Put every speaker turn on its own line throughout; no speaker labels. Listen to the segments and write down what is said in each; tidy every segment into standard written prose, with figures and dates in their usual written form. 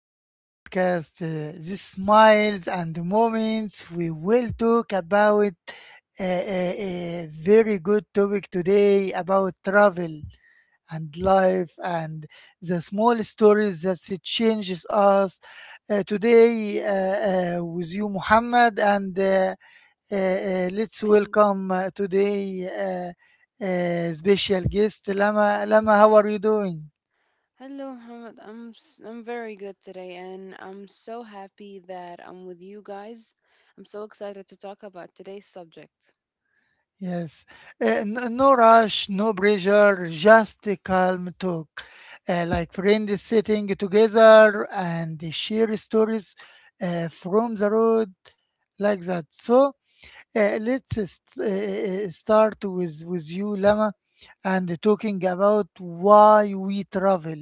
to the podcast. The smiles and moments we will talk about a very good topic today about travel and life and the small stories that it changes us. Today with you, Muhammad, and let's
And
welcome today special guest Lama. Lama, how are you doing?
hello, Mohammed. I'm very good today, and I'm so happy that I'm with you guys. I'm so excited to talk about today's subject.
Yes, no, no rush, no pressure, just a calm talk. Like friends sitting together and they share stories from the road, like that. So start with you, Lama, and talking about why we travel.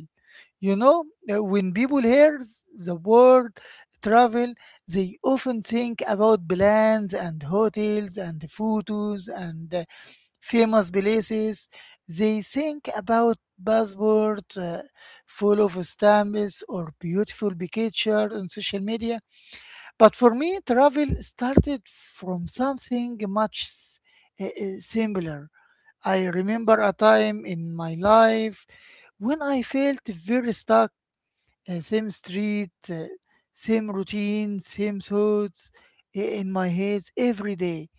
You know, when people hear the word travel, they often think about plans and hotels and photos and famous places. They think about passport full of stamps or beautiful picture on social media. But for me, travel started from something much simpler. I remember a time in my life when I felt very stuck, same street, same routine, same thoughts in my head every day.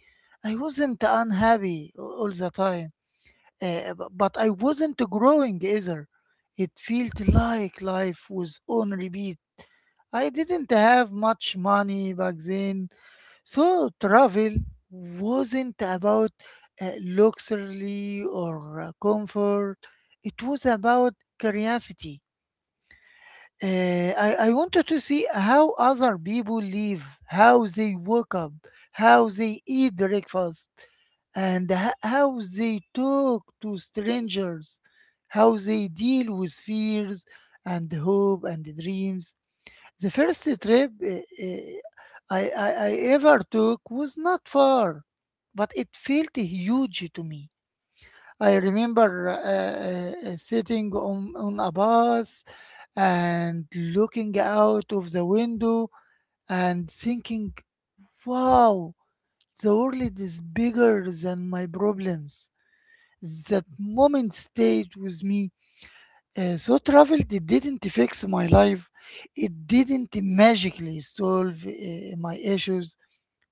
I wasn't unhappy all the time. But I wasn't growing either. It felt like life was on repeat. I didn't have much money back then, so travel wasn't about luxury or comfort. It was about curiosity. I wanted to see how other people live, how they wake up, how they eat breakfast, and how they talk to strangers, how they deal with fears and hope and dreams. The first trip I ever took was not far, but it felt huge to me. I remember sitting on a bus and looking out of the window and thinking, wow, the world is bigger than my problems. That moment stayed with me. So travel it didn't fix my life. It didn't magically solve my issues,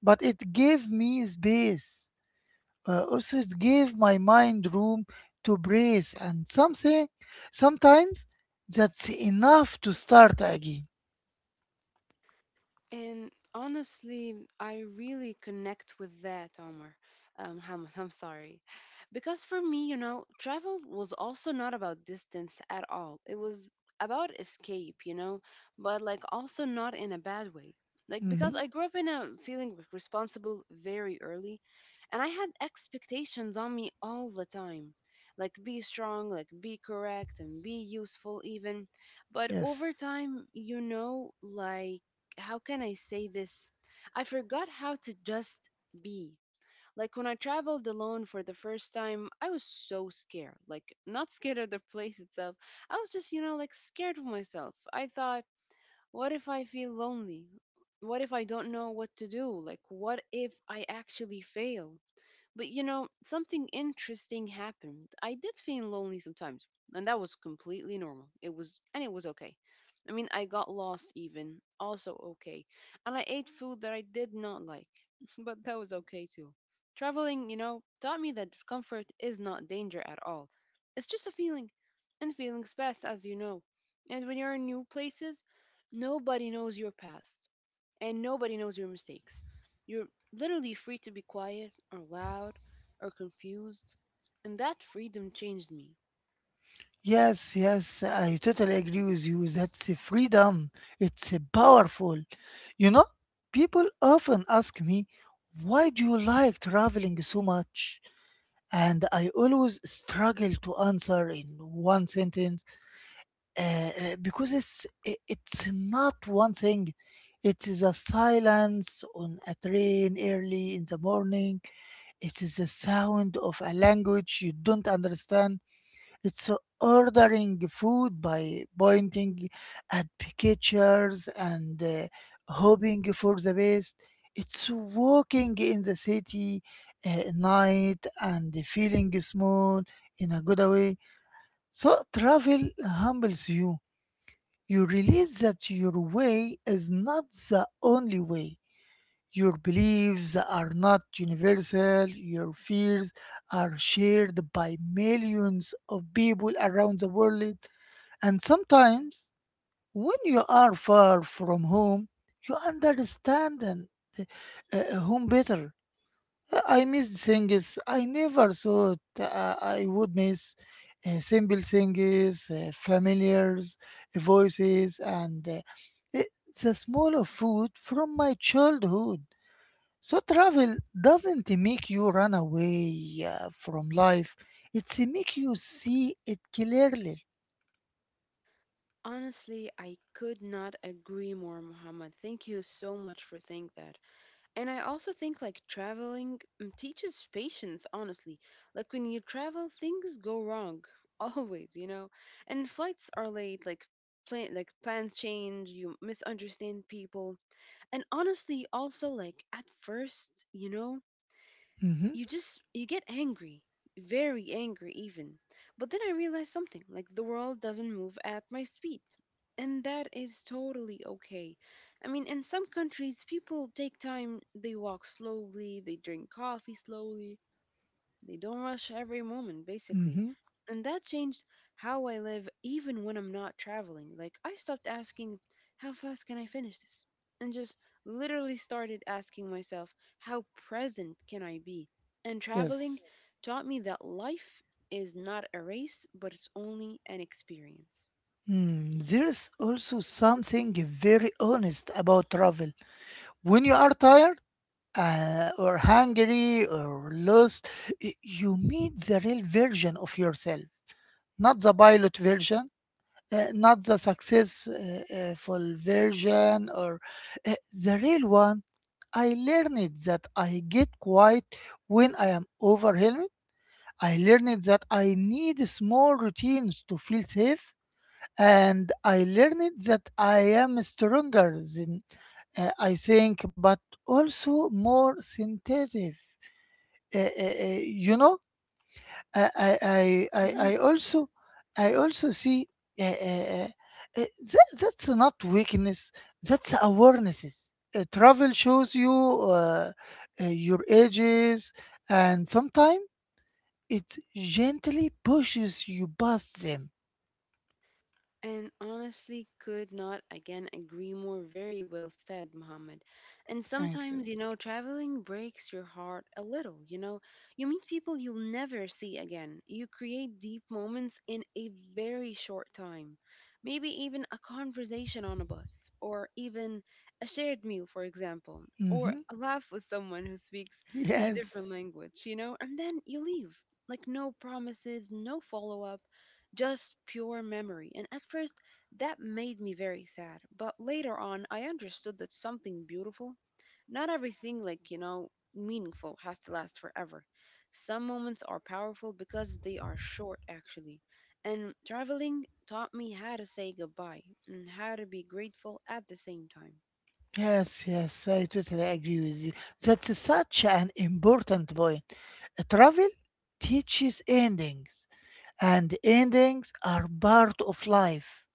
but it gave me space. Also, it gave my mind room to breathe, and sometimes that's enough to start again.
And honestly, I really connect with that, Omar. Hamad, I'm sorry. Because for me, you know, travel was also not about distance at all. It was about escape, you know, but like also not in a bad way. Like, because I
Mhm.
grew up in a feeling responsible very early, and I had expectations on me all the time. Like, be strong, like, be correct, and be useful, even. But over
Yes.
time, you know, like, how can I say this? I forgot how to just be. Like when I traveled alone for the first time, I was so scared. Like, not scared of the place itself. I was just, you know, like scared of myself. I thought, what if I feel lonely? What if I don't know what to do? Like, what if I actually fail? But you know, something interesting happened. I did feel lonely sometimes, and that was completely normal. It was, and it was okay. I mean, I got lost even, also okay. And I ate food that I did not like, but that was okay too. Traveling, you know, taught me that discomfort is not danger at all. It's just a feeling, and feelings pass, as you know. And when you're in new places, nobody knows your past and nobody knows your mistakes. You're literally free to be quiet or loud or confused, and that freedom changed me.
Yes, yes, I totally agree with you. That's a freedom. It's a powerful. You know, people often ask me, why do you like traveling so much? And I always struggle to answer in one sentence it's not one thing. It is a silence on a train early in the morning. It is the sound of a language you don't understand. It's ordering food by pointing at pictures and hoping for the best. It's walking in the city night and feeling small in a good way. So travel humbles you. You realize that your way is not the only way. Your beliefs are not universal, your fears are shared by millions of people around the world. And sometimes, when you are far from home, you understand uh, home better. I miss things I never thought I would miss. Simple things, familiars, voices, and i- the smell of food from my childhood. So travel doesn't make you run away from life. It's make you see it clearly.
Honestly, I could not agree more, Muhammad. Thank you so much for saying that. And I also think like traveling teaches patience, honestly. Like when you travel, things go wrong always, you know. And flights are late, like plans change, you misunderstand people. And honestly, also like at first, you know,
Mm-hmm.
you just you get angry, very angry even, but then I realized something, like the world doesn't move at my speed, and that is totally okay. I mean, in some countries people take time, they walk slowly, they drink coffee slowly, they don't rush every moment, basically.
Mm-hmm.
And that changed how I live even when I'm not traveling. Like, I stopped asking, how fast can I finish this? And just literally started asking myself, how present can I be? And traveling,
Yes.
yes, taught me that life is not a race, but it's only an experience.
Mm, there's also something very honest about travel. When you are tired, or hungry or lost, you meet the real version of yourself, not the pilot version, not the successful version, or uh, the real one. I learned that I get quiet when I am overwhelmed. I learned that I need small routines to feel safe. And I learned that I am stronger than I think, but also more sensitive uh, uh, you know I, I i i I also i also see uh, uh, uh, that's not weakness. That's awarenesses. Travel shows you your ages, and sometimes it gently pushes you past them.
And honestly, could not again agree more. Very well said, Mohammed. And
Thank you.
sometimes, you know, traveling breaks your heart a little. You know, you meet people you'll never see again. You create deep moments in a very short time. Maybe even a conversation on a bus, or even a shared meal, for example, or
Hmm.
a laugh with someone who speaks a different
Yes.
language, you know, and then you leave. Like, no promises, no follow up, just pure memory. And at first, that made me very sad. But later on, I understood that something beautiful, not everything like, you know, meaningful has to last forever. Some moments are powerful because they are short, actually. And traveling taught me how to say goodbye and how to be grateful at the same time.
Yes, yes, I totally agree with you. That's such an important point. Travel teaches endings, and endings are part of life.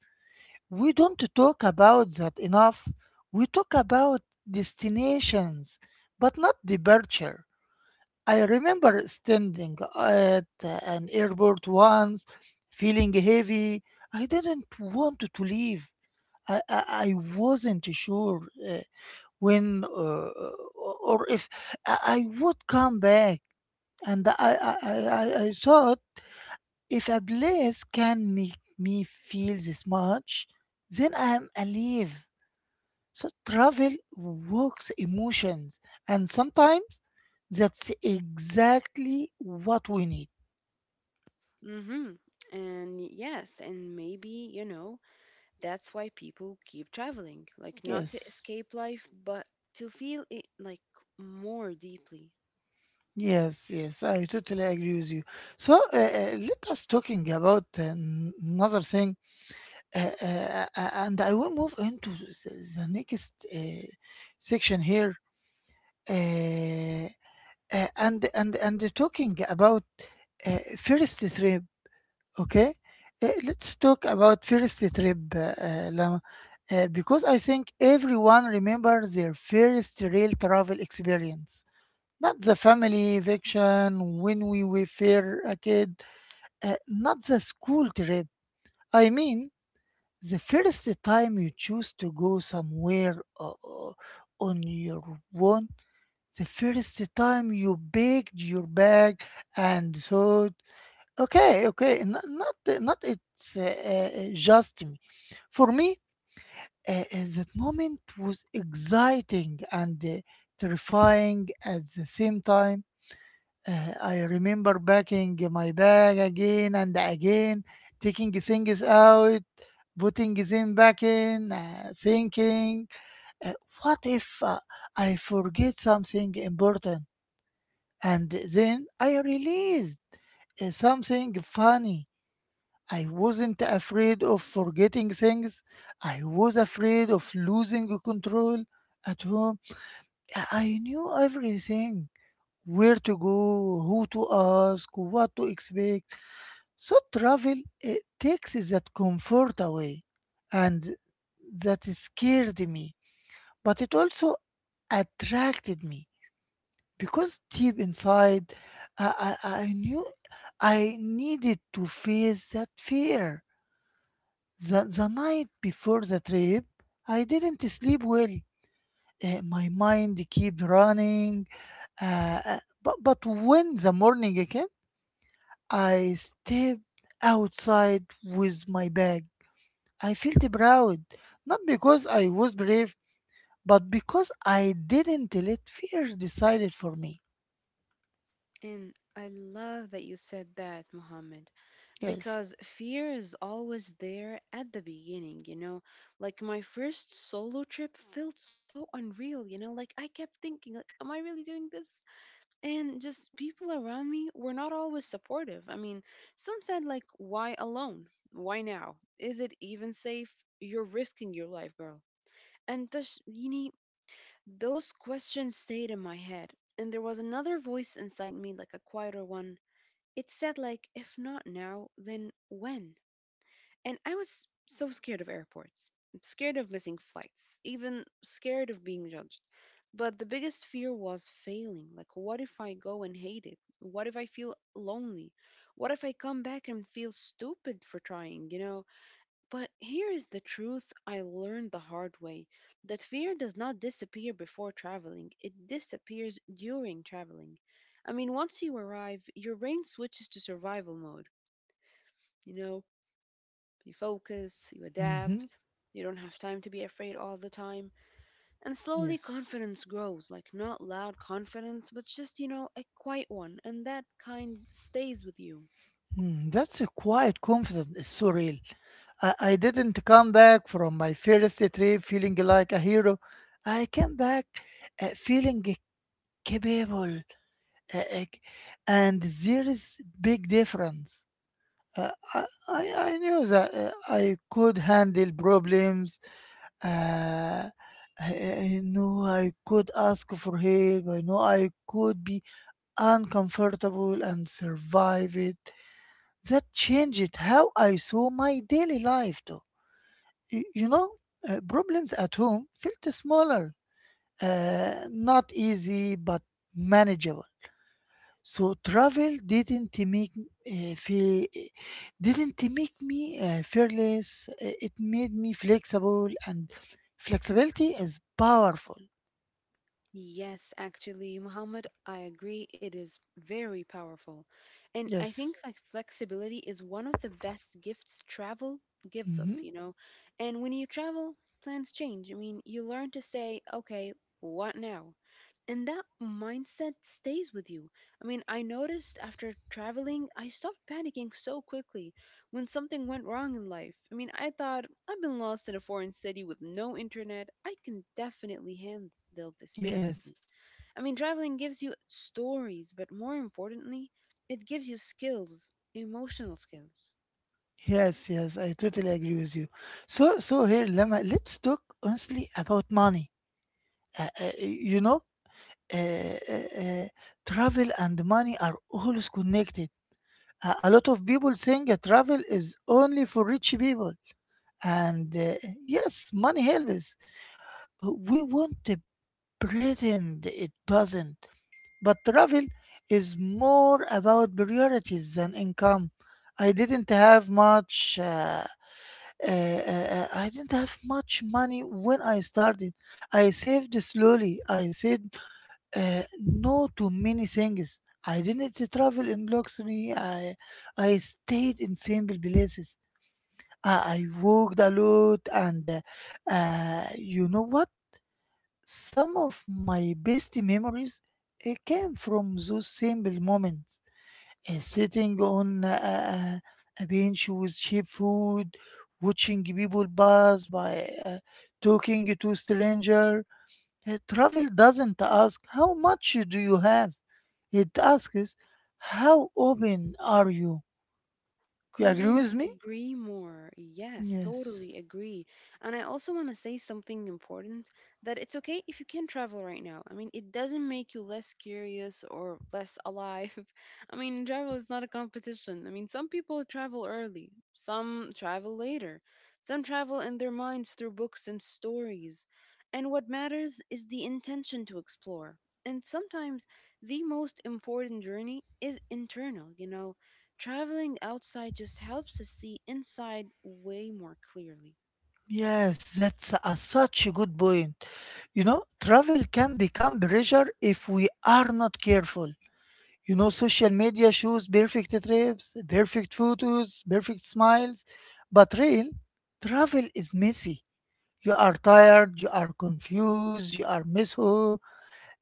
We don't talk about that enough. We talk about destinations, but not departure. I remember standing at an airport once, feeling heavy. I didn't want to leave. I wasn't sure uh, when or if I would come back. And I thought, if a place can make me feel this much, then I am alive. So travel works emotions, and sometimes that's exactly what we need.
Mm-hmm. And yes, and maybe, you know, that's why people keep traveling, like not to
Yes,
escape life, but to feel it like more deeply.
yes, yes. I totally agree with you. So let us talking about another thing, and I will move into the next section here. Uh, and talking about first trip, okay. Let's talk about first trip, Lama, because I think everyone remembers their first real travel experience, not the family vacation when we were fair a kid, uh, not the school trip. I mean, the first time you choose to go somewhere uh, uh, on your own, the first time you baked your bag and thought, okay, n- not not it's just me. For me, that moment was exciting and terrifying at the same time. I remember packing my bag again and again, taking things out, putting them back in, thinking, uh, what if I forget something important? And then I realized something funny. I wasn't afraid of forgetting things. I was afraid of losing control. At home, I knew everything: where to go, who to ask, what to expect. So travel it takes that comfort away. And that scared me, but it also attracted me, because deep inside, I knew I needed to face that fear. The night before the trip, I didn't sleep well. My mind kept running. But when the morning came, I stepped outside with my bag. I felt proud, not because I was brave, but because I didn't let fear decide it for me.
And I love that you said that, Mohammed,
Yes.
because fear is always there at the beginning, you know? Like my first solo trip felt so unreal, you know? Like I kept thinking, like, am I really doing this? And just people around me were not always supportive. I mean, some said like why alone? Why now? Is it even safe? You're risking your life, girl. And thus, Yini, those questions stayed in my head. And there was another voice inside me, like a quieter one. It said, like, if not now, then when? And I was so scared of airports, scared of missing flights, even scared of being judged. But the biggest fear was failing. Like, what if I go and hate it? What if I feel lonely? What if I come back and feel stupid for trying, you know? But here is the truth I learned the hard way, that fear does not disappear before traveling, it disappears during traveling. I mean, once you arrive, your brain switches to survival mode. You know, you focus, you
Hmm.
adapt, you don't have time to be afraid all the time. And slowly
Yes.
confidence grows, like not loud confidence, but just, you know, a quiet one. And that kind stays with you.
Hmm, that's a quiet confidence. It's so. I didn't come back from my first trip feeling like a hero. I came back feeling capable, uh, uh, and there is big difference. I knew that I could handle problems. Uh, I know I could ask for help. I know I could be uncomfortable and survive it. That changed how I saw my daily life too. You know, problems at home felt smaller, not easy, but manageable. So travel didn't make feel, didn't make me fearless. It made me flexible, and flexibility is powerful.
Yes, actually, Muhammad, I agree. It is very powerful. And I
Yes.
think like flexibility is one of the best gifts travel gives
Hmm.
us, you know. And when you travel, plans change. I mean, you learn to say, okay, what now? And that mindset stays with you. I mean, I noticed after traveling, I stopped panicking so quickly when something went wrong in life. I mean, I thought I've been lost in a foreign city with no internet. I can definitely handle this, basically.
Yes.
I mean, traveling gives you stories, but more importantly, it gives you skills, emotional skills.
Yes. Yes. I totally agree with you. So, so here, Lama, let's talk honestly about money. You know, uh, uh, uh, travel and money are always connected. A lot of people think that travel is only for rich people. And yes, money helps. We want to pretend it doesn't. But travel is more about priorities than income. I didn't have much. Uh, I didn't have much money when I started. I saved slowly. I said no to many things. I didn't travel in luxury. I stayed in simple places. I walked a lot, and you know what? Some of my best memories came from those simple moments. Sitting on a bench with cheap food, watching people pass by, talking to strangers. Travel doesn't ask how much do you have. It asks how open are you. You agree with
Couldn't
me?
agree more. Yes,
Yes.
totally agree. And I also want to say something important, that it's okay if you can not travel right now. I mean, it doesn't make you less curious or less alive. I mean, travel is not a competition. I mean, some people travel early, some travel later, some travel in their minds through books and stories. And what matters is the intention to explore. And sometimes the most important journey is internal, you know. Traveling outside just helps us see inside way more clearly.
Yes, that's a, such a good point. You know, travel can become pressure if we are not careful. You know, social media shows perfect trips, perfect photos, perfect smiles, but real travel is messy. You are tired, you are confused, you are mishap.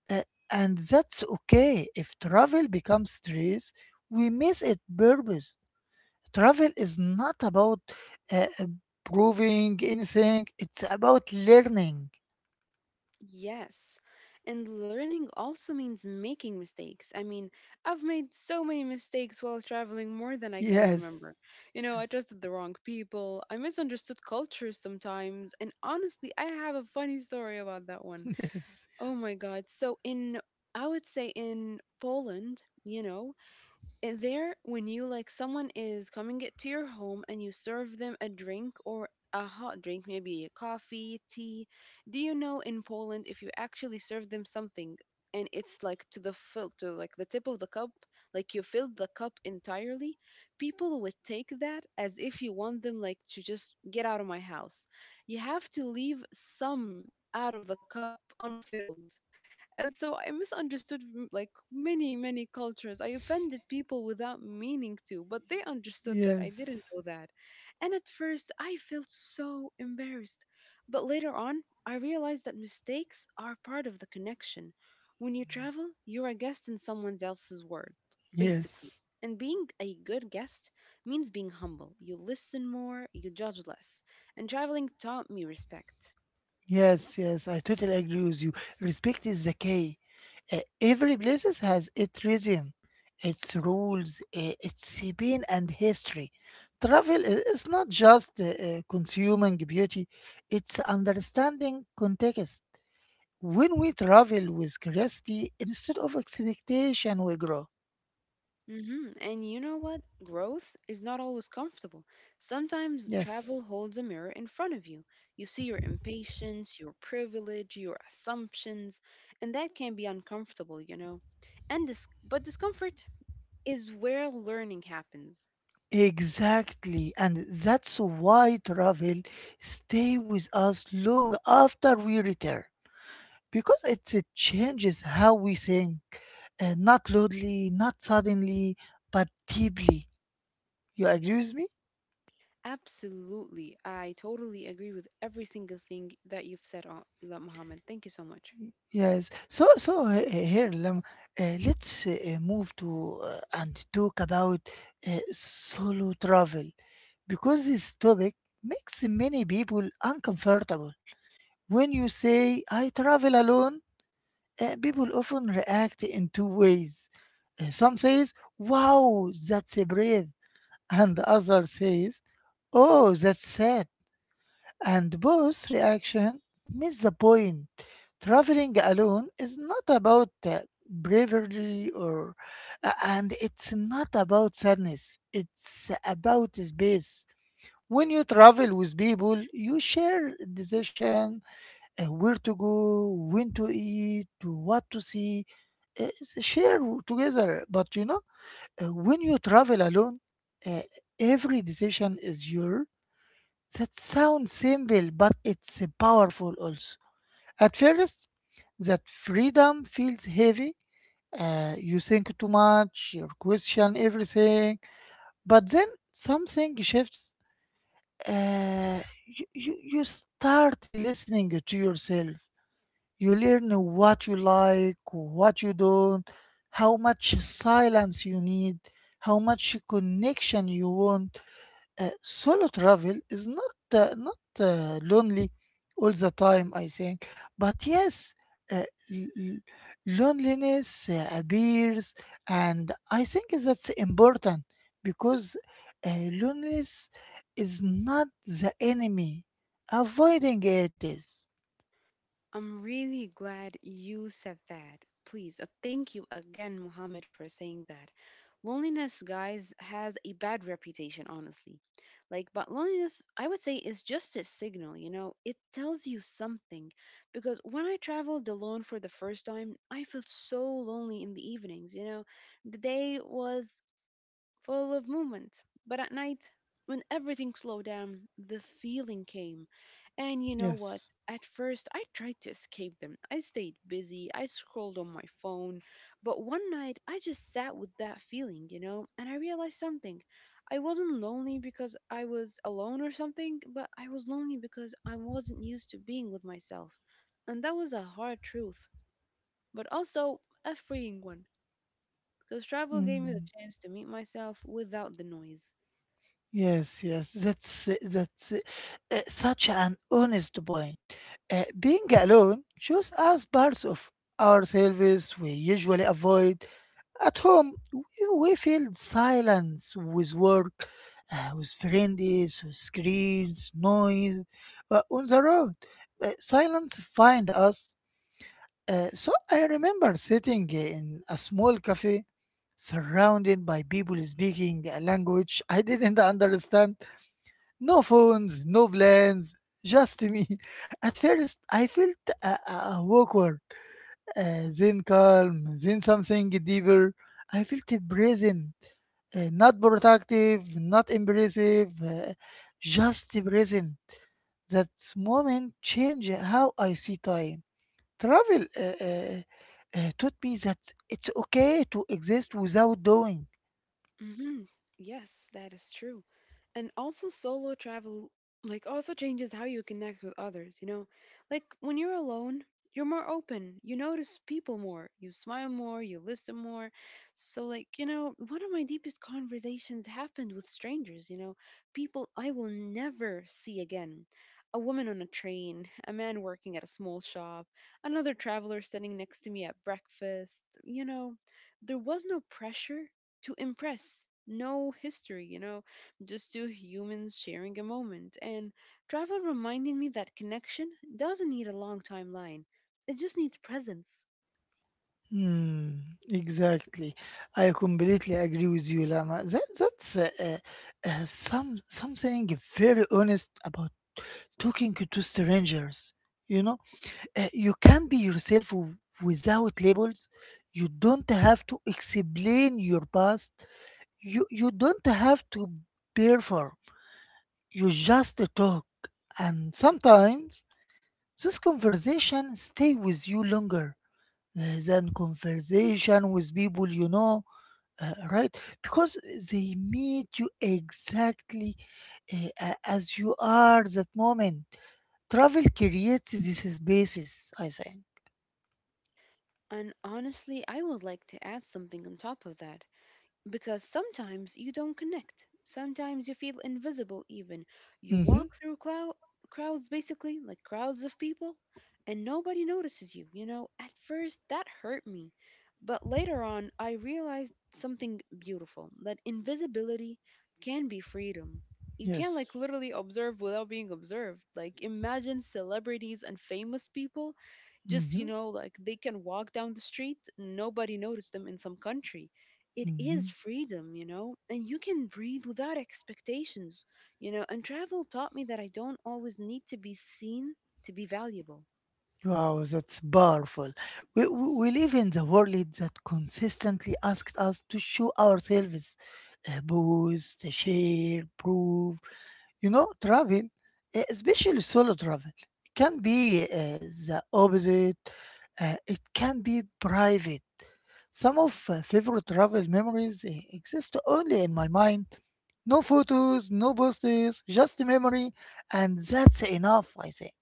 Uh, and that's okay. If travel becomes stress, we miss its purpose. Travel is not about uh, uh, proving anything. It's about learning.
Yes. And learning also means making mistakes. I mean, I've made so many mistakes while traveling, more than I can
Yes.
remember. You know, I
Yes.
trusted the wrong people, I misunderstood cultures sometimes, and honestly, I have a funny story about that one.
Yes, yes,
Oh my God. I would say in Poland, you know. And there, when you like someone is coming it to your home and you serve them a drink or a hot drink, maybe coffee, tea, do you know in Poland if you actually serve them something and it's like to the fill to like the tip of the cup, like you filled the cup entirely, people would take that as if you want them like to just get out of my house. You have to leave some out of the cup unfilled. And so I misunderstood, like many cultures. I offended people without meaning to, but they understood that I didn't know
yes,
that. And at first I felt so embarrassed, but later on I realized that mistakes are part of the connection. When you travel, you're a guest in someone else's world, basically.
yes.
And being a good guest means being humble. You listen more, you judge less. And traveling taught me respect.
Yes, yes, I totally agree with you. Respect is the key. Every places has its rhythm, its rules, its been and history. Travel is not just consuming beauty; it's understanding context. When we travel with curiosity instead of expectation, we grow.
Hmm. And you know what? Growth is not always comfortable. Sometimes travel
Yes.
holds a mirror in front of you. You see your impatience, your privilege, your assumptions, and that can be uncomfortable, you know. And but discomfort is where learning happens.
Exactly, and that's why travel stay with us long after we return, because it changes how we think, not loudly, not suddenly, but deeply. You agree with me?
Absolutely. I totally agree with every single thing that you've said on Muhammad. Thank you so much.
Yes. So, so here, Lam, let's move to and talk about solo travel, because this topic makes many people uncomfortable. When you say, I travel alone, people often react in two ways. Some says, wow, that's brave. And the other says, oh, that's sad. And both reaction miss the point. Traveling alone is not about bravery, and it's not about sadness. It's about space. When you travel with people, you share decision, where to go, when to eat, what to see, share together. But you know, when you travel alone, uh, every decision is yours. That sounds simple, but it's powerful also. At first, that freedom feels heavy. You think too much, you question everything. But then something shifts. Uh, you start listening to yourself. You learn what you like, what you don't, how much silence you need, how much connection you want. Solo travel is not lonely all the time, I think. But yes, uh, l- l- loneliness appears, and I think that's important because uh, loneliness is not the enemy. Avoiding it is.
I'm really glad you said that. Please, thank you again, Mohammed, for saying that. Loneliness, guys, has a bad reputation, honestly. Like, but loneliness, I would say, is just a signal, you know? It tells you something. Because when I traveled alone for the first time, I felt so lonely in the evenings, you know? The day was full of movement. But at night, when everything slowed down, the feeling came. And you know what?
Yes.
At first, I tried to escape them. I stayed busy, I scrolled on my phone. But one night, I just sat with that feeling, you know, and I realized something. I wasn't lonely because I was alone or something, but I was lonely because I wasn't used to being with myself. And that was a hard truth, but also a freeing one, because travel gave me the
Mm.
chance to meet myself without the noise.
Yes, yes, that's such an honest point. Being alone shows us parts of ourselves we usually avoid. At home, we feel silence with work, with friends, with screens, noise. On the road, silence find us. So I remember sitting in a small cafe, surrounded by people speaking a language I didn't understand, no phones, no plans, just me. At first, I felt awkward, then calm, then something deeper. I felt present, not protective, not impressive, just present. That moment changed how I see time. Travel taught me that it's okay to exist without doing.
Hmm. Yes, that is true. And also, solo travel, like, also changes how you connect with others, you know? Like, when you're alone, you're more open, you notice people more, you smile more, you listen more. So, like, you know, one of my deepest conversations happened with strangers, you know, people I will never see again. A woman on a train, a man working at a small shop, another traveler sitting next to me at breakfast, you know, there was no pressure to impress. No history, you know, just two humans sharing a moment. And travel reminded me that connection doesn't need a long timeline, it just needs presence.
Hmm, exactly. I completely agree with you, Lama. That's something very honest about talking to strangers. You know, you can be yourself without labels. You don't have to explain your past. You don't have to perform. You just talk, and sometimes this conversation stay with you longer than conversation with people you know, right, because they meet you exactly as you are that moment. Travel creates this basis, I think.
And honestly, I would like to add something on top of that. Because sometimes you don't connect. Sometimes you feel invisible, even. You
Hmm
walk through crowds, basically, like crowds of people, and nobody notices you. You know, at first that hurt me. But later on, I realized something beautiful that invisibility can be freedom. You can, like,
Yes.
literally observe without being observed. Like, imagine celebrities and famous people just,
hmm
you know, like they can walk down the street, nobody noticed them in some country, it is
hmm
freedom, you know, and you can breathe without expectations, you know, and travel taught me that I don't always need to be seen to be valuable.
Wow, that's powerful. We live in the world that consistently asks us to show ourselves, boast, share, prove. You know, travel, especially solo travel, can be the opposite. It can be private. Some of favorite travel memories exist only in my mind. No photos, no posters, just memory, and that's enough, I say.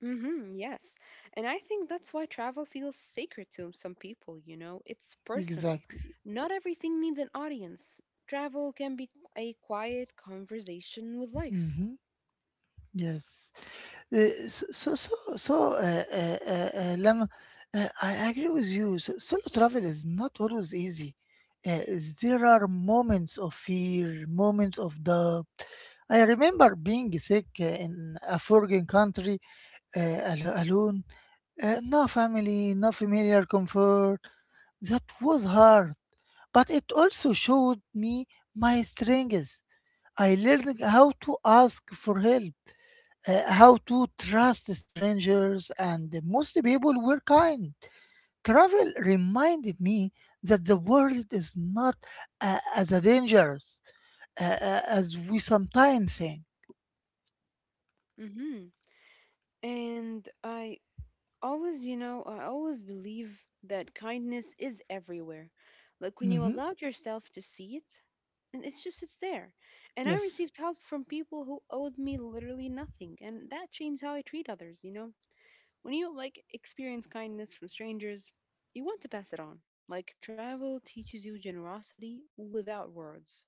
Hmm, yes. And I think that's why travel feels sacred to some people, you know, it's personal.
Exactly.
Not everything needs an audience. Travel can be a quiet conversation with life.
hmm Yes. So so so so, Lama, I agree with you. So, solo travel is not always easy. Uh, there are moments of fear, moments of doubt. I remember being sick in a foreign country, alone, no family, no familiar comfort. That was hard, but it also showed me my strengths. I learned how to ask for help, how to trust strangers, and most people were kind. Travel reminded me that the world is not as dangerous as we sometimes think.
hmm And I always, I always believe that kindness is everywhere. Like when you
Mhm.
allowed yourself to see it, and it's there. And I
Yes.
received help from people who owed me literally nothing, and that changed how I treat others, you know? When you like experience kindness from strangers, you want to pass it on. Like travel teaches you generosity without words.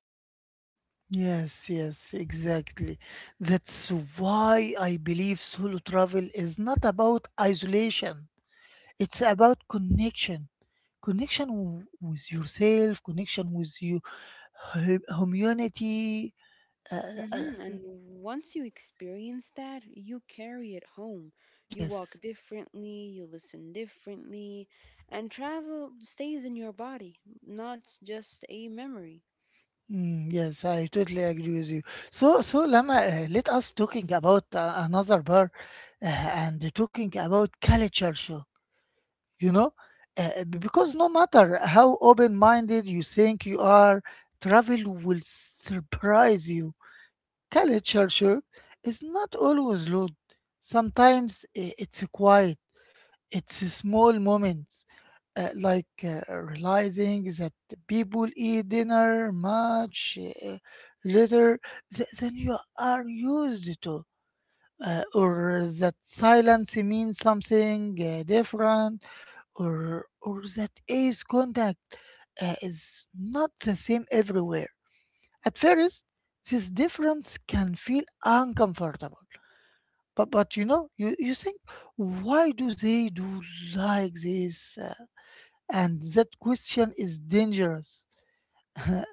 Yes, yes, exactly. That's why I believe solo travel is not about isolation. It's about connection. Connection with yourself, connection with you, humanity, uh, uh,
And once you experience that, you carry it home. You
yes.
walk differently, you listen differently, and travel stays in your body, not just a memory.
Mm, yes, I totally agree with you. So, so Lama, let us talking about another bar, and talking about culture shock. You know, because no matter how open-minded you think you are, travel will surprise you. Culture shock is not always loud. Sometimes it's quiet. It's small moments, like realizing that people eat dinner much later than you are used to, or that silence means something different, or that eyes contact is not the same everywhere. At first, this difference can feel uncomfortable, but you know, you think, why do they do like this? And that question is dangerous. A-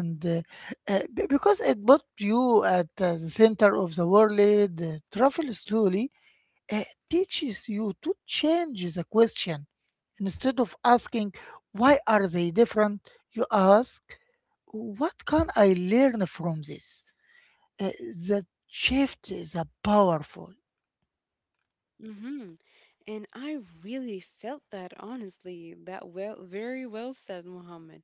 and uh, because it put you at the center of the world. Uh, travel slowly teaches you to change the question. Instead of asking, why are they different, you ask, what can I learn from this? Uh, that shift is a powerful.
hmm And I really felt that, honestly. That, well, very well said, Mohammed.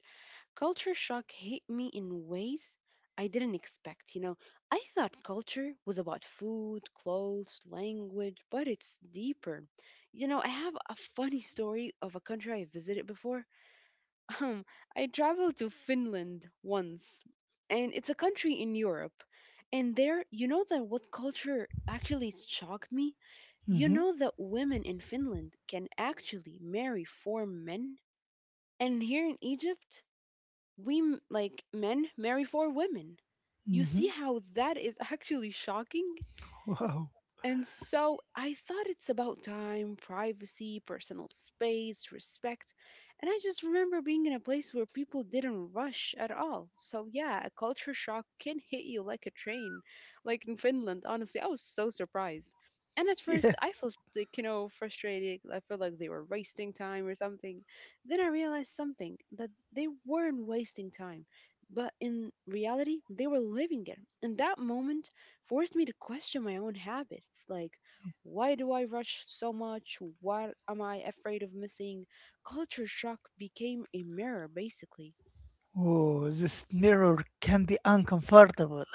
Culture shock hit me in ways I didn't expect. You know, I thought culture was about food, clothes, language, but it's deeper. You know, I have a funny story of a country I visited before. Um, I traveled to Finland once, and it's a country in Europe. And there, you know that what culture actually shocked me? You
Hmm
know that women in Finland can actually marry four men? And here in Egypt, like men marry for women. You see
hmm
how that is actually shocking?
Wow.
And so I thought it's about time, privacy, personal space, respect. And I just remember being in a place where people didn't rush at all. So, yeah, a culture shock can hit you like a train. Like in Finland, honestly, I was so surprised. And at first, I
Yes.
felt like, you know, frustrated. I felt like they were wasting time or something. Then I realized something, that they weren't wasting time. But in reality, they were living it. In that moment, forced me to question my own habits. Like, why do I rush so much? What am I afraid of missing? Culture shock became a mirror, basically.
Oh, this mirror can be uncomfortable.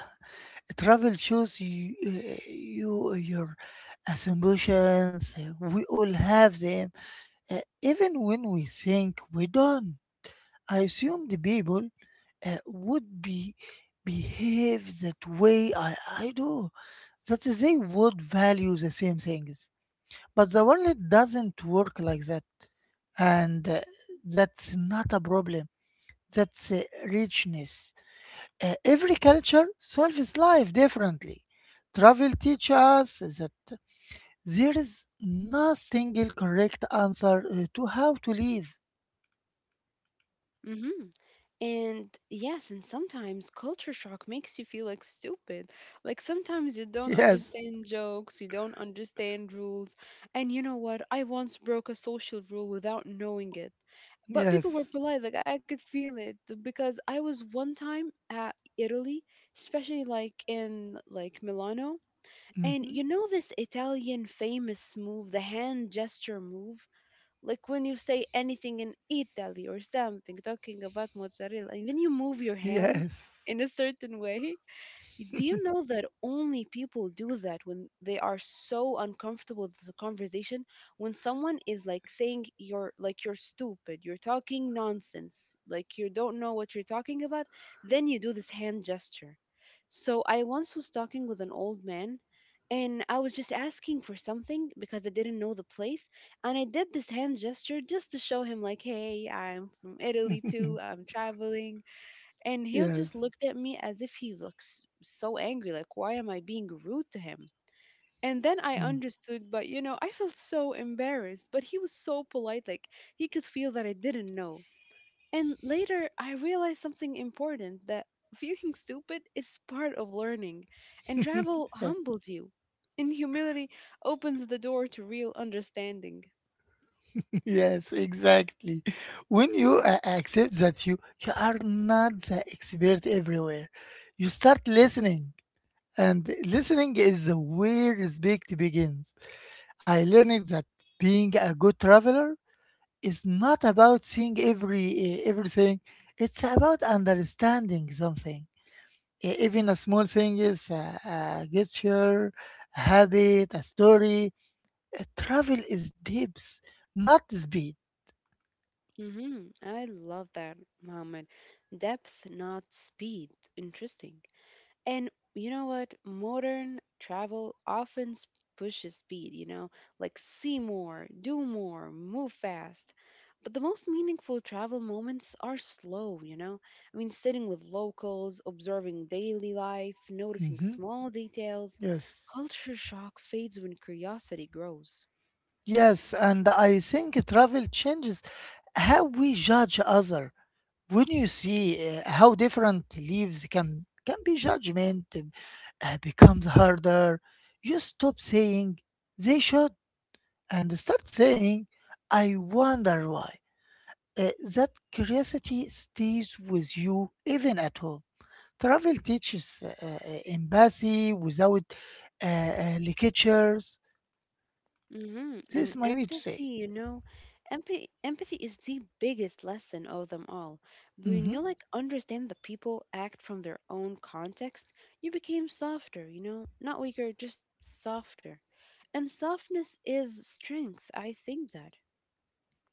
Travel shows you, your assumptions. We all have them, even when we think we don't. I assume the people would be behave that way I do, that they would value the same things. But the world doesn't work like that, and that's not a problem. That's richness. Every culture solves life differently. Travel teaches us that there is no single correct answer to how to live.
Mm-hmm. And yes, and sometimes culture shock makes you feel like stupid. Like sometimes you don't
Yes,
understand jokes, you don't understand rules. And you know what? I once broke a social rule without knowing it. But people were
yes.
polite, like I could feel it, because I was one time at Italy, especially like in like Milano, and
Mhm.
you know this Italian famous move, the hand gesture move, like when you say anything in Italy or something, talking about mozzarella, and then you move your hand
Yes.
in a certain way. Do you know that only people do that when they are so uncomfortable with the conversation? When someone is like saying you're like you're stupid, you're talking nonsense, like you don't know what you're talking about, then you do this hand gesture. So I once was talking with an old man, and I was just asking for something because I didn't know the place, and I did this hand gesture just to show him like, hey, I'm from Italy too, I'm traveling. And he just
Yes.
looked at me as if he looks so angry, like why am I being rude to him? And then I
Mm.
understood, but you know, I felt so embarrassed, but he was so polite, like he could feel that I didn't know. And later I realized something important, that feeling stupid is part of learning, and travel humbles you, and humility opens the door to real understanding.
Yes, exactly. When you accept that you are not the expert everywhere, you start listening, and listening is where respect begins. I learned that being a good traveler is not about seeing everything. It's about understanding something. Even a small thing is a gesture, a habit, a story. Travel is depth, not speed.
I love that, Mohammed. Depth, not speed. Interesting. And you know what? Modern travel often pushes speed, you know, like see more, do more, move fast. But the most meaningful travel moments are slow, you know? I mean, sitting with locals, observing daily life, noticing
Mhm.
small details.
Yes,
Culture shock fades when curiosity grows.
yes, and I think travel changes how we judge others. When you see how different leaves can be judgment, becomes harder. You stop saying they should and start saying I wonder why. That curiosity stays with you even at home. Travel teaches empathy without lectures.
And
This I need to
empathy,
say.
empathy is the biggest lesson of them all. When
Mm-hmm.
you like understand that people act from their own context, you became softer, you know, not weaker, just softer. And softness is strength. I think that.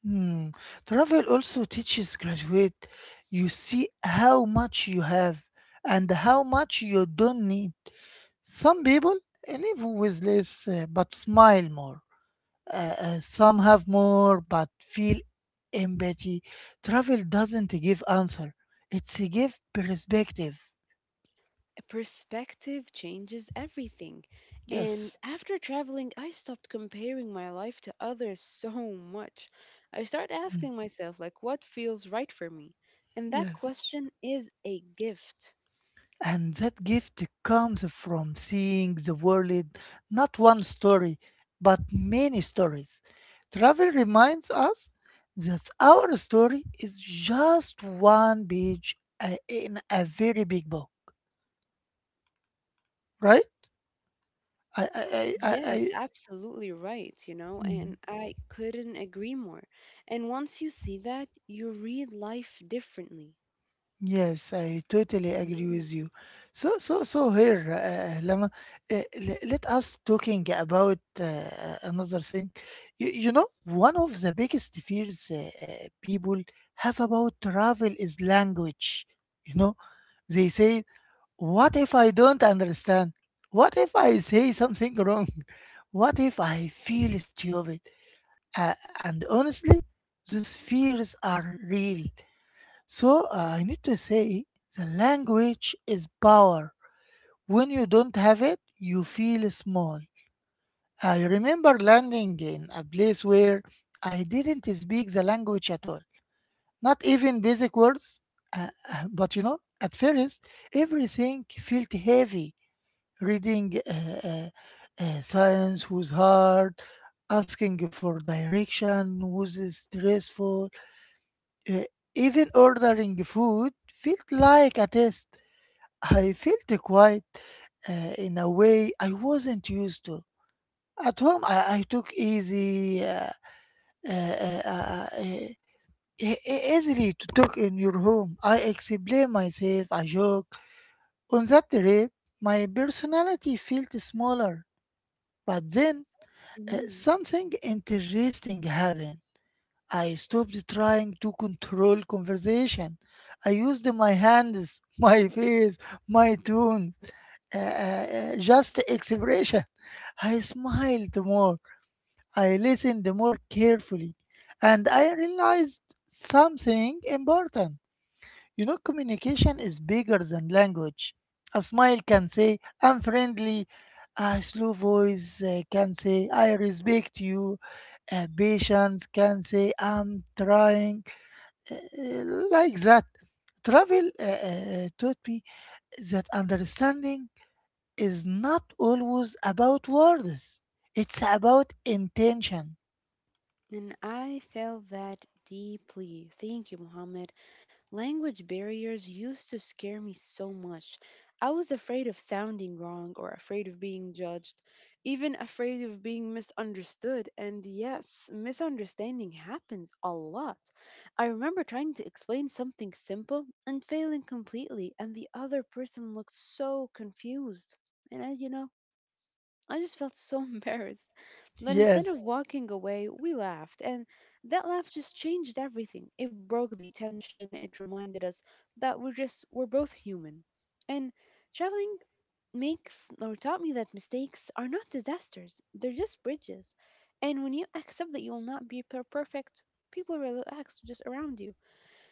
Hmm. Travel also teaches graduate. You see how much you have and how much you don't need. Some people live with less, but smile more. Some have more but feel empathy. Travel doesn't give answer. It's a give perspective.
Perspective changes everything. And
Yes.
after traveling, I stopped comparing my life to others so much. I started
Hmm.
asking myself, like, what feels right for me? And that
Yes.
question is a gift.
And that gift comes from seeing the world, not one story, but many stories. Travel reminds us that our story is just one page in a very big book, right? I, I, I, I,
Yes,
I-
absolutely right, you know, and
Mm.
I couldn't agree more. And once you see that, you read life differently.
Yes, I totally agree
Mhm.
with you. So, here, Lama, let us talking about another thing. You know, one of the biggest fears people have about travel is language. You know, they say, "What if I don't understand? What if I say something wrong? What if I feel stupid?" Uh, and honestly, those fears are real, so I need to say the language is power. When you don't have it, you feel small. I remember landing in a place where I didn't speak the language at all, not even basic words. But you know, at first, everything felt heavy. Reading science was hard, asking for direction was stressful, uh, even ordering food felt like a test. I felt quite, uh, in a way I wasn't used to. At home, I took easy, uh, uh, uh, uh, e- easily to talk in your home. I explain myself, I joke. On that trip, my personality felt smaller. But then,
Mhm.
something interesting happened. I stopped trying to control conversation. I used my hands, my face, my tone, just expression. I smiled more, I listened more carefully, and I realized something important. You know, communication is bigger than language. A smile can say, I'm friendly. A slow voice can say, I respect you. A patience can say, I'm trying. uh, uh, like that. Travel taught me that understanding is not always about words. It's about intention.
And I felt that deeply. Thank you, Mohammed. Language barriers used to scare me so much. I was afraid of sounding wrong or afraid of being judged, even afraid of being misunderstood. And yes, misunderstanding happens a lot. I remember trying to explain something simple and failing completely, and the other person looked so confused. And I, you know, I just felt so embarrassed. But instead of
Yes,
walking away, we laughed, and that laugh just changed everything. It broke the tension, it reminded us that we're both human. And traveling makes or taught me that mistakes are not disasters, they're just bridges. And when you accept that you will not be perfect, people relax just around you.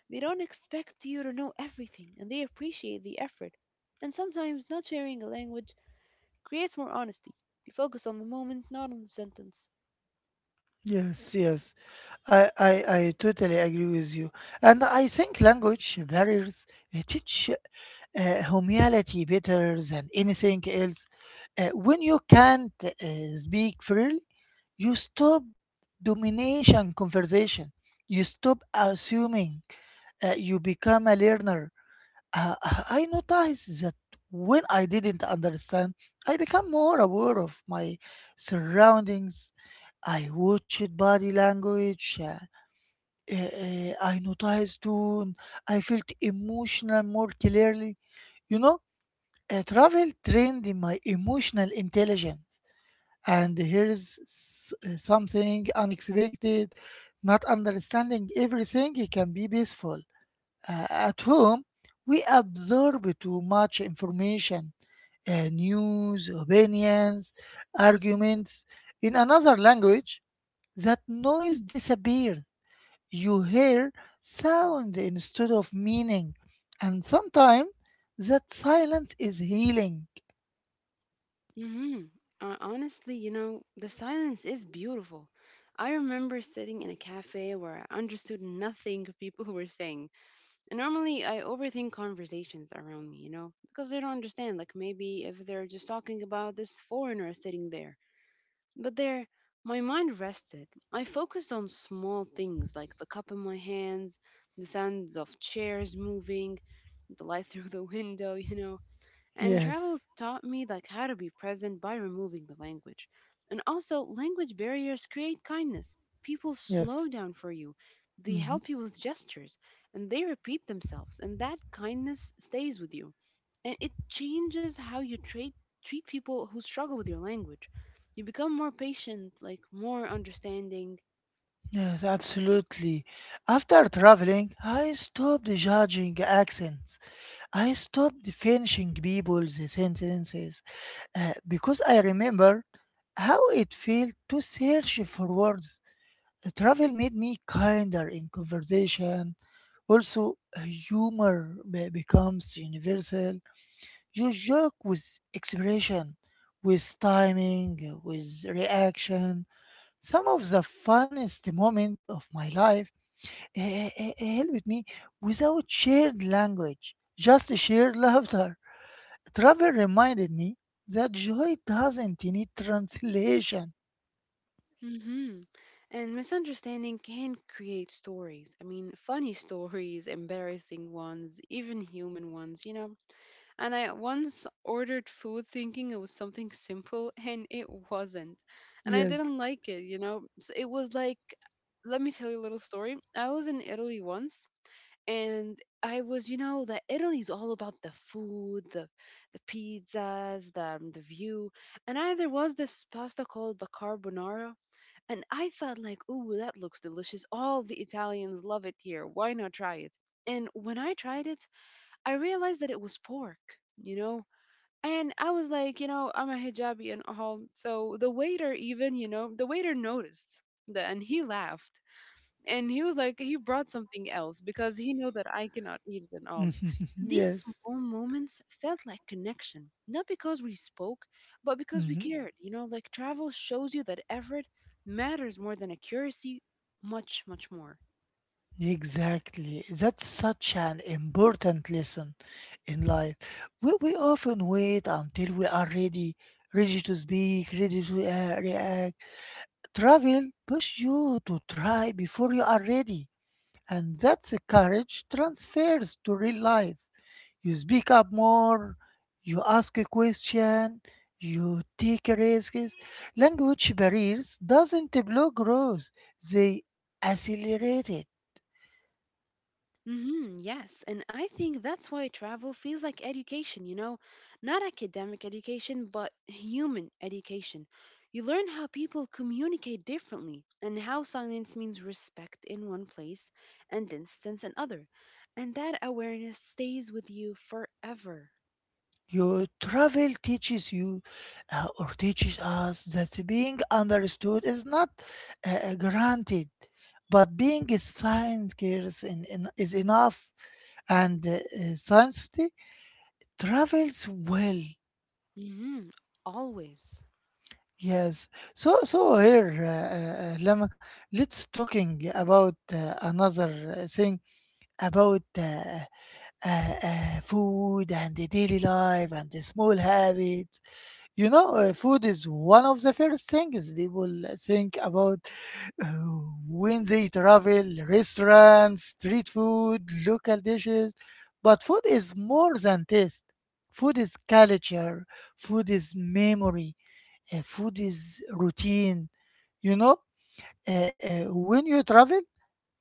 They don't expect you to know everything, and they appreciate the effort. And sometimes not sharing a language creates more honesty. We focus on the moment, not on the sentence.
yes, yes. I totally agree with you. And I think language barriers teach humility better than anything else. When you can't speak freely, you stop domination conversation. You stop assuming. You become a learner. I noticed that when I didn't understand, I became more aware of my surroundings. I watched body language, I noticed too. I felt emotional more clearly. You know, travel trained in my emotional intelligence. And here is something unexpected. Not understanding everything can be peaceful. At home, we absorb too much information, news, opinions, arguments. In another language, that noise disappears. You hear sound instead of meaning, and sometimes that silence is healing.
hmm Honestly, you know, the silence is beautiful. I remember sitting in a cafe where I understood nothing people were saying. And normally I overthink conversations around me, you know, because I don't understand. Like maybe if they're just talking about this foreigner sitting there. But there, my mind rested. I focused on small things like the cup in my hands, the sounds of chairs moving, the light through the window, you know. And travel
Yes,
taught me like how to be present by removing the language. And also, language barriers create kindness. People slow
yes.
down for you. They
Mhm.
help you with gestures, and they repeat themselves, and that kindness stays with you, and it changes how you treat people who struggle with your language. You become more patient, like more understanding.
Yes, absolutely. After traveling, I stopped judging accents. I stopped finishing people's sentences because I remember how it felt to search for words. Travel made me kinder in conversation. Also, humor becomes universal. You joke with expression, with timing, with reaction. Some of the funniest moment of my life helped me without shared language, just shared laughter. Travel reminded me that joy doesn't need translation.
hmm And misunderstanding can create stories. I mean, funny stories, embarrassing ones, even human ones, you know. And I once ordered food thinking it was something simple, and it wasn't. And I didn't
Yes.
like it, you know. So it was like, let me tell you a little story. I was in Italy once, and I was, you know, that Italy's all about the food, the pizzas, the view, and I there was this pasta called the carbonara, and I thought like, ooh, that looks delicious. All the Italians love it here. Why not try it? And when I tried it, I realized that it was pork, you know. And I was like, you know, I'm a hijabi and all, so the waiter even, you know, the waiter noticed that, and he laughed, and he was like, he brought something else because he knew that I cannot eat it at all. And these
Yes.
small moments felt like connection, not because we spoke, but because we
Mhm.
cared. You know, like travel shows you that effort matters more than accuracy, much, much more.
Exactly. That's such an important lesson in life. We often wait until we are ready, ready to speak, ready to react. Travel push you to try before you are ready. And that's a courage transfers to real life. You speak up more, you ask a question, you take risks. Language barriers doesn't block growth, they accelerate it.
Yes. And I think that's why travel feels like education, you know, not academic education, but human education. You learn how people communicate differently, and how silence means respect in one place and distance in other. And that awareness stays with you forever.
Your travel teaches you or teaches us that being understood is not granted, but being a science is, is enough, and science travels well.
hmm Always.
Yes. So here, Lama, let's talking about another thing about food and the daily life and the small habits. You know, food is one of the first things people think about uh, when they travel, restaurants, street food, local dishes. But food is more than taste. Food is culture. Food is memory, food is routine. You know, when you travel,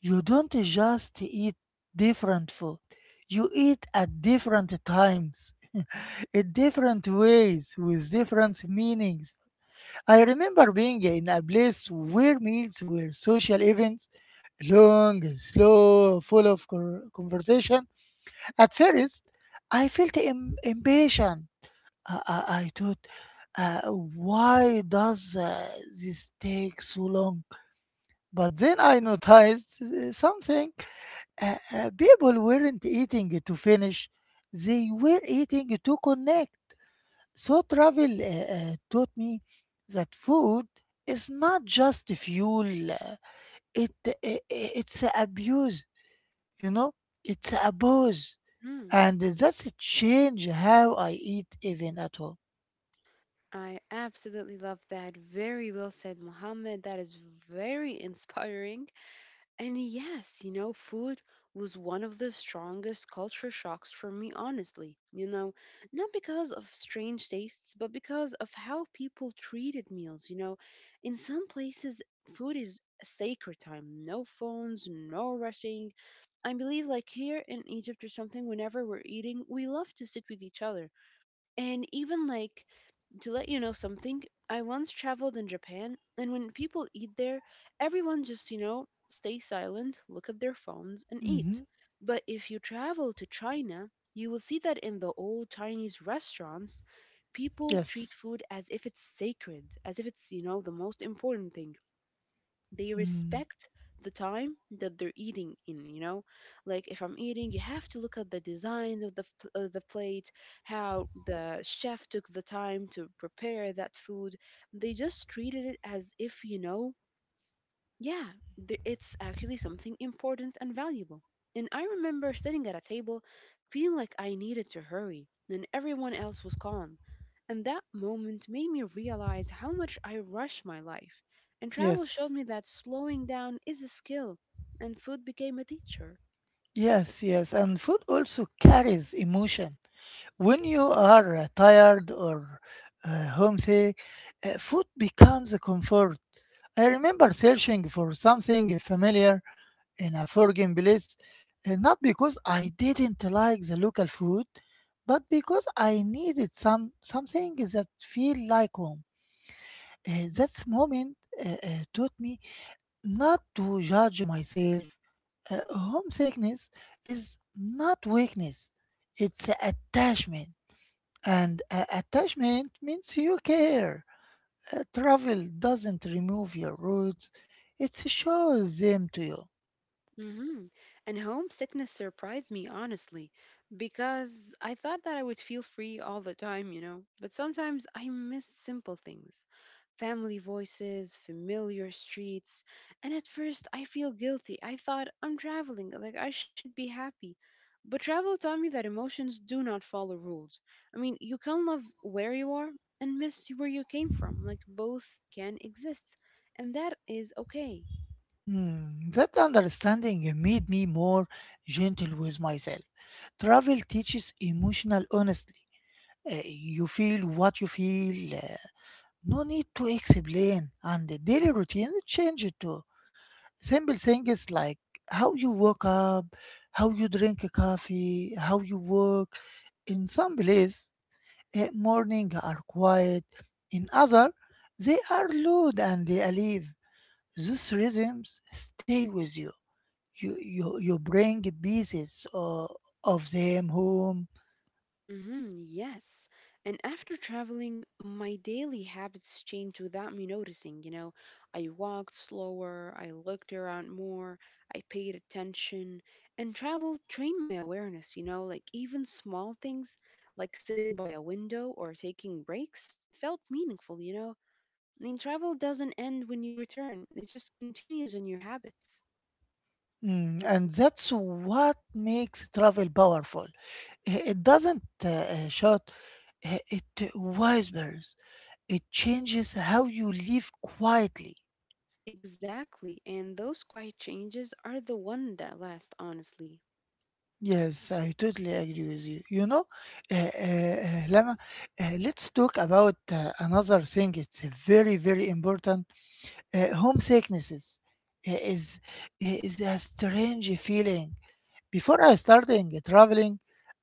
you don't just eat different food. You eat at different times, in different ways, with different meanings. I remember being in a place where meals were social events, long, slow, full of conversation. At first, I felt impatient. I thought, why does this take so long? But then I noticed something. People weren't eating to finish, they were eating to connect. So travel taught me that food is not just fuel, it, it's abuse, you know, it's abuse.
Mm,
And that's changed how I eat even at home.
I absolutely love that. Very well said, Mohammed. That is very inspiring. And yes, you know, food was one of the strongest culture shocks for me, honestly. You know, not because of strange tastes, but because of how people treated meals. You know, in some places, food is a sacred time, no phones, no rushing. I believe, like here in Egypt or something, whenever we're eating, we love to sit with each other. And even like, to let you know something, I once traveled in Japan, and when people eat there, everyone just, you know, stay silent, look at their phones, and eat.
Hmm.
But if you travel to China, you will see that in the old Chinese restaurants, people treat
Yes.
food as if it's sacred, as if it's the most important thing they
Mm,
respect the time that they're eating in. Like if I'm eating, you have to look at the design of the plate, how the chef took the time to prepare that food. They just treated it as if yeah, it's actually something important and valuable. And I remember sitting at a table feeling like I needed to hurry, and everyone else was calm. And that moment made me realize how much I rush my life. And travel showed
yes,
me that slowing down is a skill, and food became a teacher.
yes, yes. And food also carries emotion. When you are tired or homesick, food becomes a comfort. I remember searching for something familiar in a foreign place, not because I didn't like the local food, but because I needed some something that feel like home. That moment taught me not to judge myself. Uh, Homesickness is not weakness, it's attachment. And attachment means you care. Travel doesn't remove your roots, it shows them to you.
Hmm And homesickness surprised me, honestly, because I thought that I would feel free all the time. But sometimes I miss simple things, family voices, familiar streets. And at first, I feel guilty. I thought I'm traveling, like I should be happy. But travel taught me that emotions do not follow rules. I mean, you can love where you are and miss where you came from. Like, both can exist. And that is okay.
Hmm, that understanding made me more gentle with myself. Travel teaches emotional honesty. You feel what you feel, no need to explain, and the daily routine changes too, simple things like how you wake up, how you drink coffee, how you work. In some places, morning are quiet. In other, they are loud and they alive. Those rhythms stay with you. You bring pieces of them home.
hmm yes. And after traveling, my daily habits changed without me noticing. I walked slower, I looked around more, I paid attention, and travel trained my awareness. You know, like even small things like sitting by a window or taking breaks felt meaningful. You know, I mean, travel doesn't end when you return, it just continues in your habits.
Mm, and that's what makes travel powerful. It doesn't shout, it whispers. It changes how you live quietly.
Exactly. And those quiet changes are the one that last, honestly.
Yes, I totally agree with you. You know, Lama, let's talk about another thing. It's a very, very important. Homesicknesses uh, is is a strange feeling. Before I started traveling,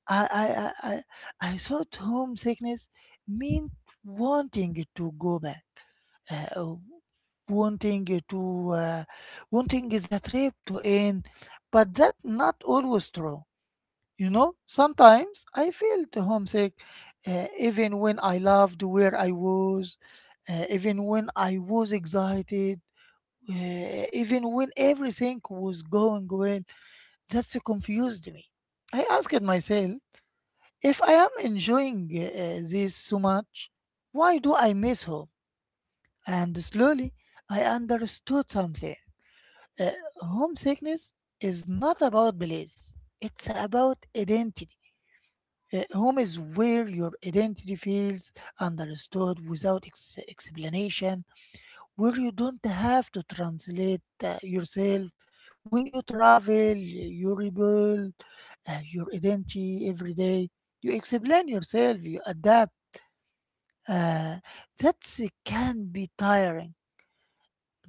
I, I thought homesickness meant wanting to go back. Uh, wanting to uh, Wanting the trip to end, but that not always true. You know, sometimes I felt homesick, even when I loved where I was, even when I was excited, even when everything was going well. That's confused me. I asked myself, if I am enjoying this so much, why do I miss home? And slowly I understood something. Uh, Homesickness is not about place, it's about identity. Home is where your identity feels understood without explanation, where you don't have to translate yourself. When you travel, you rebuild your identity every day. You explain yourself, you adapt. Uh, that can be tiring.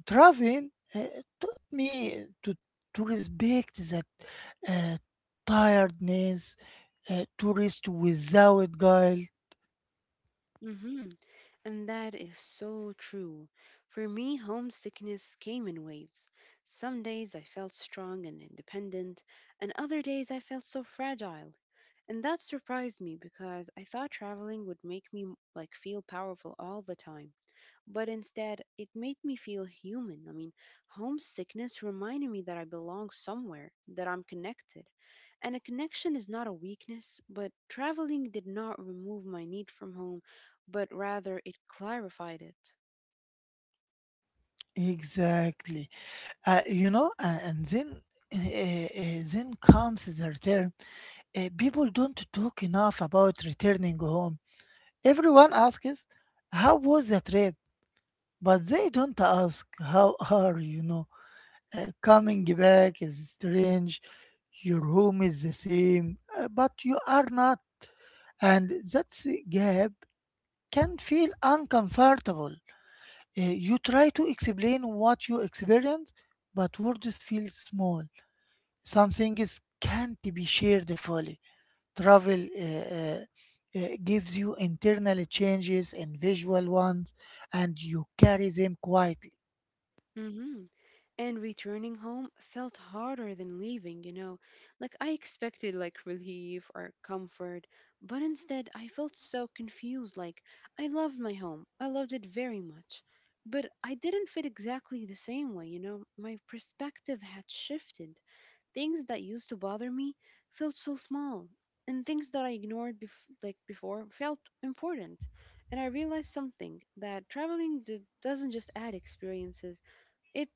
Traveling taught me to respect that uh, tiredness, to rest without guilt.
Hmm And that is so true. For me, homesickness came in waves. Some days I felt strong and independent, and other days I felt so fragile. And that surprised me because I thought traveling would make me like feel powerful all the time, but instead it made me feel human. I mean, homesickness reminded me that I belong somewhere, that I'm connected. And a connection is not a weakness, but traveling did not remove my need from home, but rather it clarified it.
Exactly. You know, and then comes the return. People don't talk enough about returning home. Everyone asks, "How was the trip?" But they don't ask, "How are you?" know? Coming back is strange. Your home is the same, but you are not. And that gap can feel uncomfortable. You try to explain what you experience, but words feel small. Some things can't be shared fully. Travel gives you internal changes and visual ones, and you carry them quietly.
Mhm. And returning home felt harder than leaving, you know. Like I expected like relief or comfort, but instead I felt so confused. Like I loved my home, I loved it very much, but I didn't fit exactly the same way, you know. My perspective had shifted. Things that used to bother me felt so small, and things that I ignored before felt important. And I realized something, that traveling doesn't just add experiences, it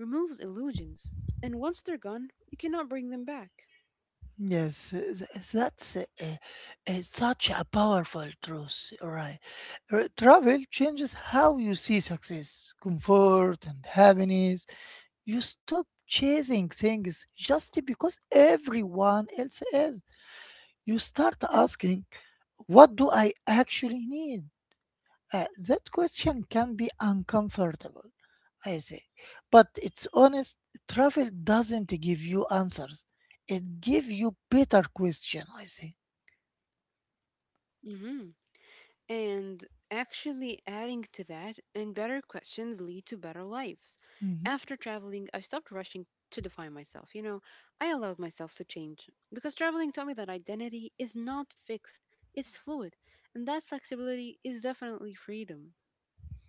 removes illusions, and once they're gone, you cannot bring them back.
Yes, that's such a powerful truth, right? Travel changes how you see success, comfort, and happiness. You stop chasing things just because everyone else is. You start asking, what do I actually need? That question can be uncomfortable, I say. But it's honest, travel doesn't give you answers. It gives you better question, I say.
Hmm And actually, adding to that, and better questions lead to better lives.
Mhm.
After traveling, I stopped rushing to define myself. You know, I allowed myself to change because traveling taught me that identity is not fixed, it's fluid. And that flexibility is definitely freedom.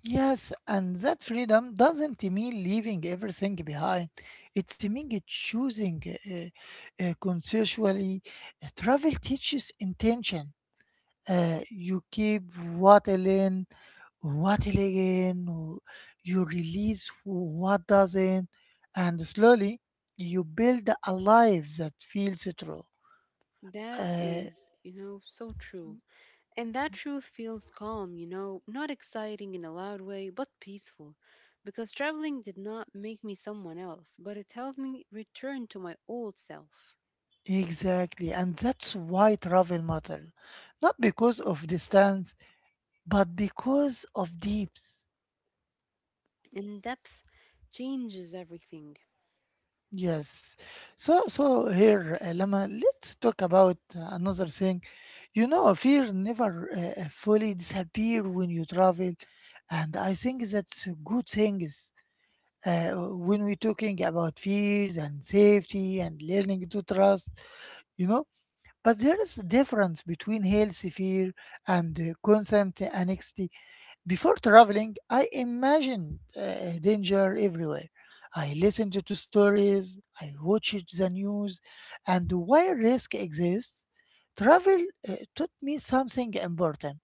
Yes, and that freedom doesn't mean leaving everything behind. It's mean choosing consensually. Travel teaches intention. You keep what in, what again, you release what doesn't, and slowly you build a life that feels true.
That
Uh,
is, you know, so true. And that truth feels calm, you know, not exciting in a loud way, but peaceful. Because traveling did not make me someone else, but it helped me return to my old self.
exactly, and that's why travel matters, not because of distance, but because of depth.
And depth changes everything.
Yes. So here, Lama, let's talk about another thing. You know, fear never fully disappear when you travel, and I think that's a good thing. Is when we're talking about fears and safety and learning to trust, you know. But there is a difference between healthy fear and constant anxiety. Before traveling, I imagined danger everywhere. I listened to stories, I watched the news, and why risk exists. Travel taught me something important.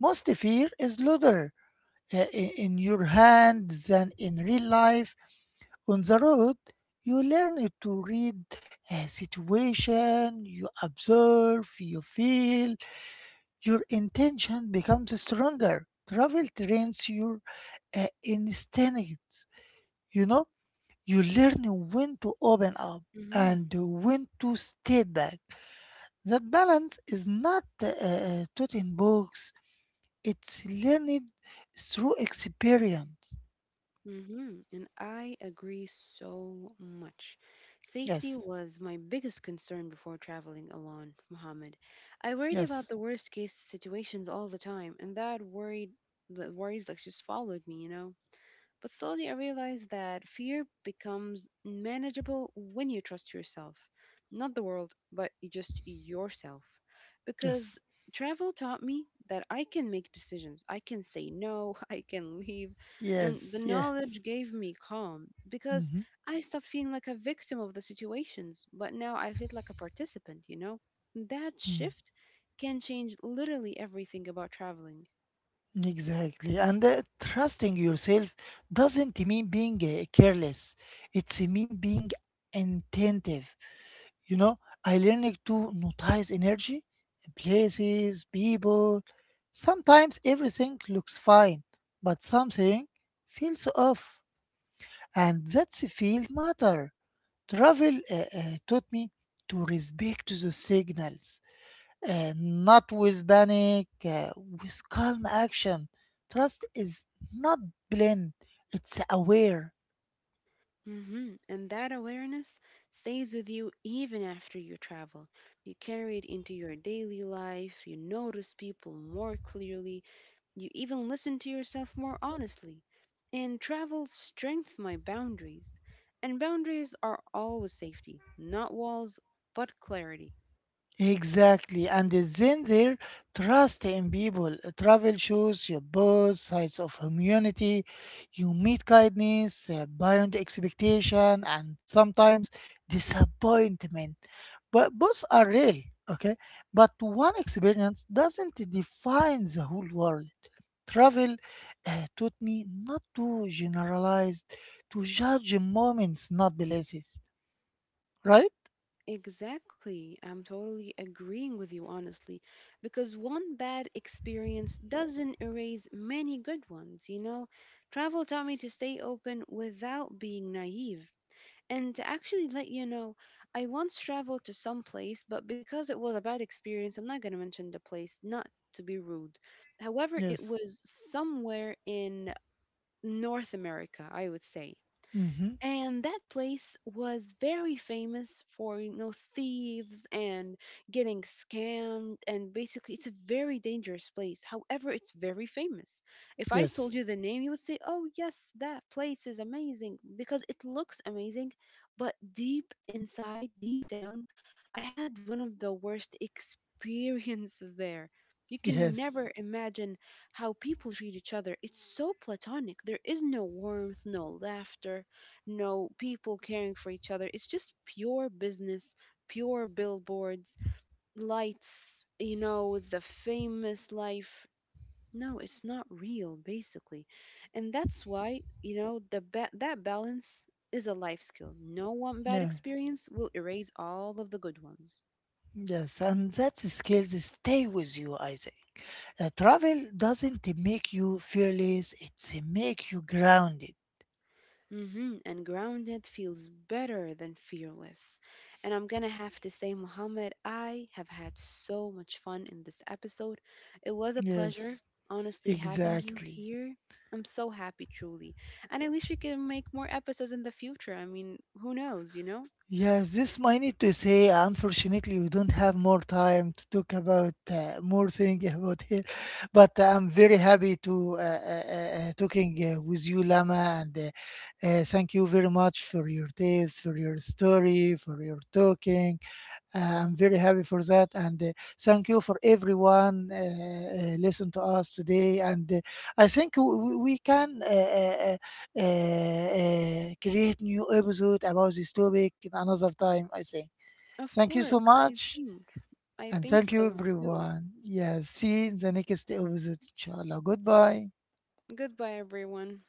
Most fear is louder in your hand than in real life. On the road, you learn to read a situation, you observe, you feel, your intention becomes stronger. Travel trains your instincts. You know, you learn when to open up
Mm-hmm.
and when to stay back. That balance is not taught in books, it's learned through experience.
Mm-hmm. And I agree so much. Safety
Yes,
was my biggest concern before traveling alone, Mohammed. I worried about
yes,
the worst case situations all the time, and that worried the worries like just followed me. But slowly I realized that fear becomes manageable when you trust yourself, not the world, but just yourself.
yes,
Because travel taught me that I can make decisions, I can say no, I can leave. And the
yes,
knowledge
yes.
gave me calm because
Mhm,
I stopped feeling like a victim of the situations, but now I feel like a participant, you know? That
mm.
shift can change literally everything about traveling.
Exactly. And trusting yourself doesn't mean being careless, it's mean being attentive. You know, I learned to notice energy, places, people. Sometimes everything looks fine, but something feels off, and that's a field matter. Travel taught me to respect the signals, not with panic, with calm action. Trust is not blind; it's aware.
Hmm And that awareness stays with you even after you travel. You carry it into your daily life, you notice people more clearly, you even listen to yourself more honestly. And travel strengthens my boundaries. And boundaries are always safety, not walls, but clarity.
Exactly, and then there, trust in people. Travel shows you both sides of humanity. You meet kindness, beyond expectation, and sometimes disappointment. But both are real, okay? But one experience doesn't define the whole world. Travel taught me not to generalize, to judge moments, not places. Right?
Exactly. I'm totally agreeing with you, honestly, because one bad experience doesn't erase many good ones, you know? Travel taught me to stay open without being naive. And to actually let you know, I once traveled to some place, but because it was a bad experience, I'm not going to mention the place, not to be rude. However, it
Yes.
was somewhere in North America, I would say.
Mm-hmm.
And that place was very famous for, you know, thieves and getting scammed. And basically, it's a very dangerous place. However, it's very famous. If I told
Yes.
you the name, you would say, oh, yes, that place is amazing because it looks amazing. But deep inside, deep down, I had one of the worst experiences there. You can
Yes.
never imagine how people treat each other. It's so platonic. There is no warmth, no laughter, no people caring for each other. It's just pure business, pure billboards, lights, you know, the famous life. No, it's not real, basically. And that's why, you know, the that balance is a life skill. No one bad
Yes,
experience will erase all of the good ones.
yes, and that skills stay with you, I think. Travel doesn't make you fearless, it's make you grounded.
Hmm And grounded feels better than fearless. And I'm gonna have to say, Muhammad, I have had so much fun in this episode. It was a pleasure,
Yes,
honestly, having you
exactly.
here. I'm so happy, truly. And I wish we could make more episodes in the future. I mean, who knows, you know?
Yes, this might need to say, unfortunately, we don't have more time to talk about more things about here, but I'm very happy to talking with you, Lama, and thank you very much for your tips, for your story, for your talking. Uh, I'm very happy for that, and thank you for everyone listen to us today. And I think we can create new episode about this topic another time, I think.
Of
Thank you
course,
so
I
much,
think. I
and
think
thank you
so too.
everyone. Yes, see you in the next episode. Inshallah. Goodbye.
Goodbye, everyone.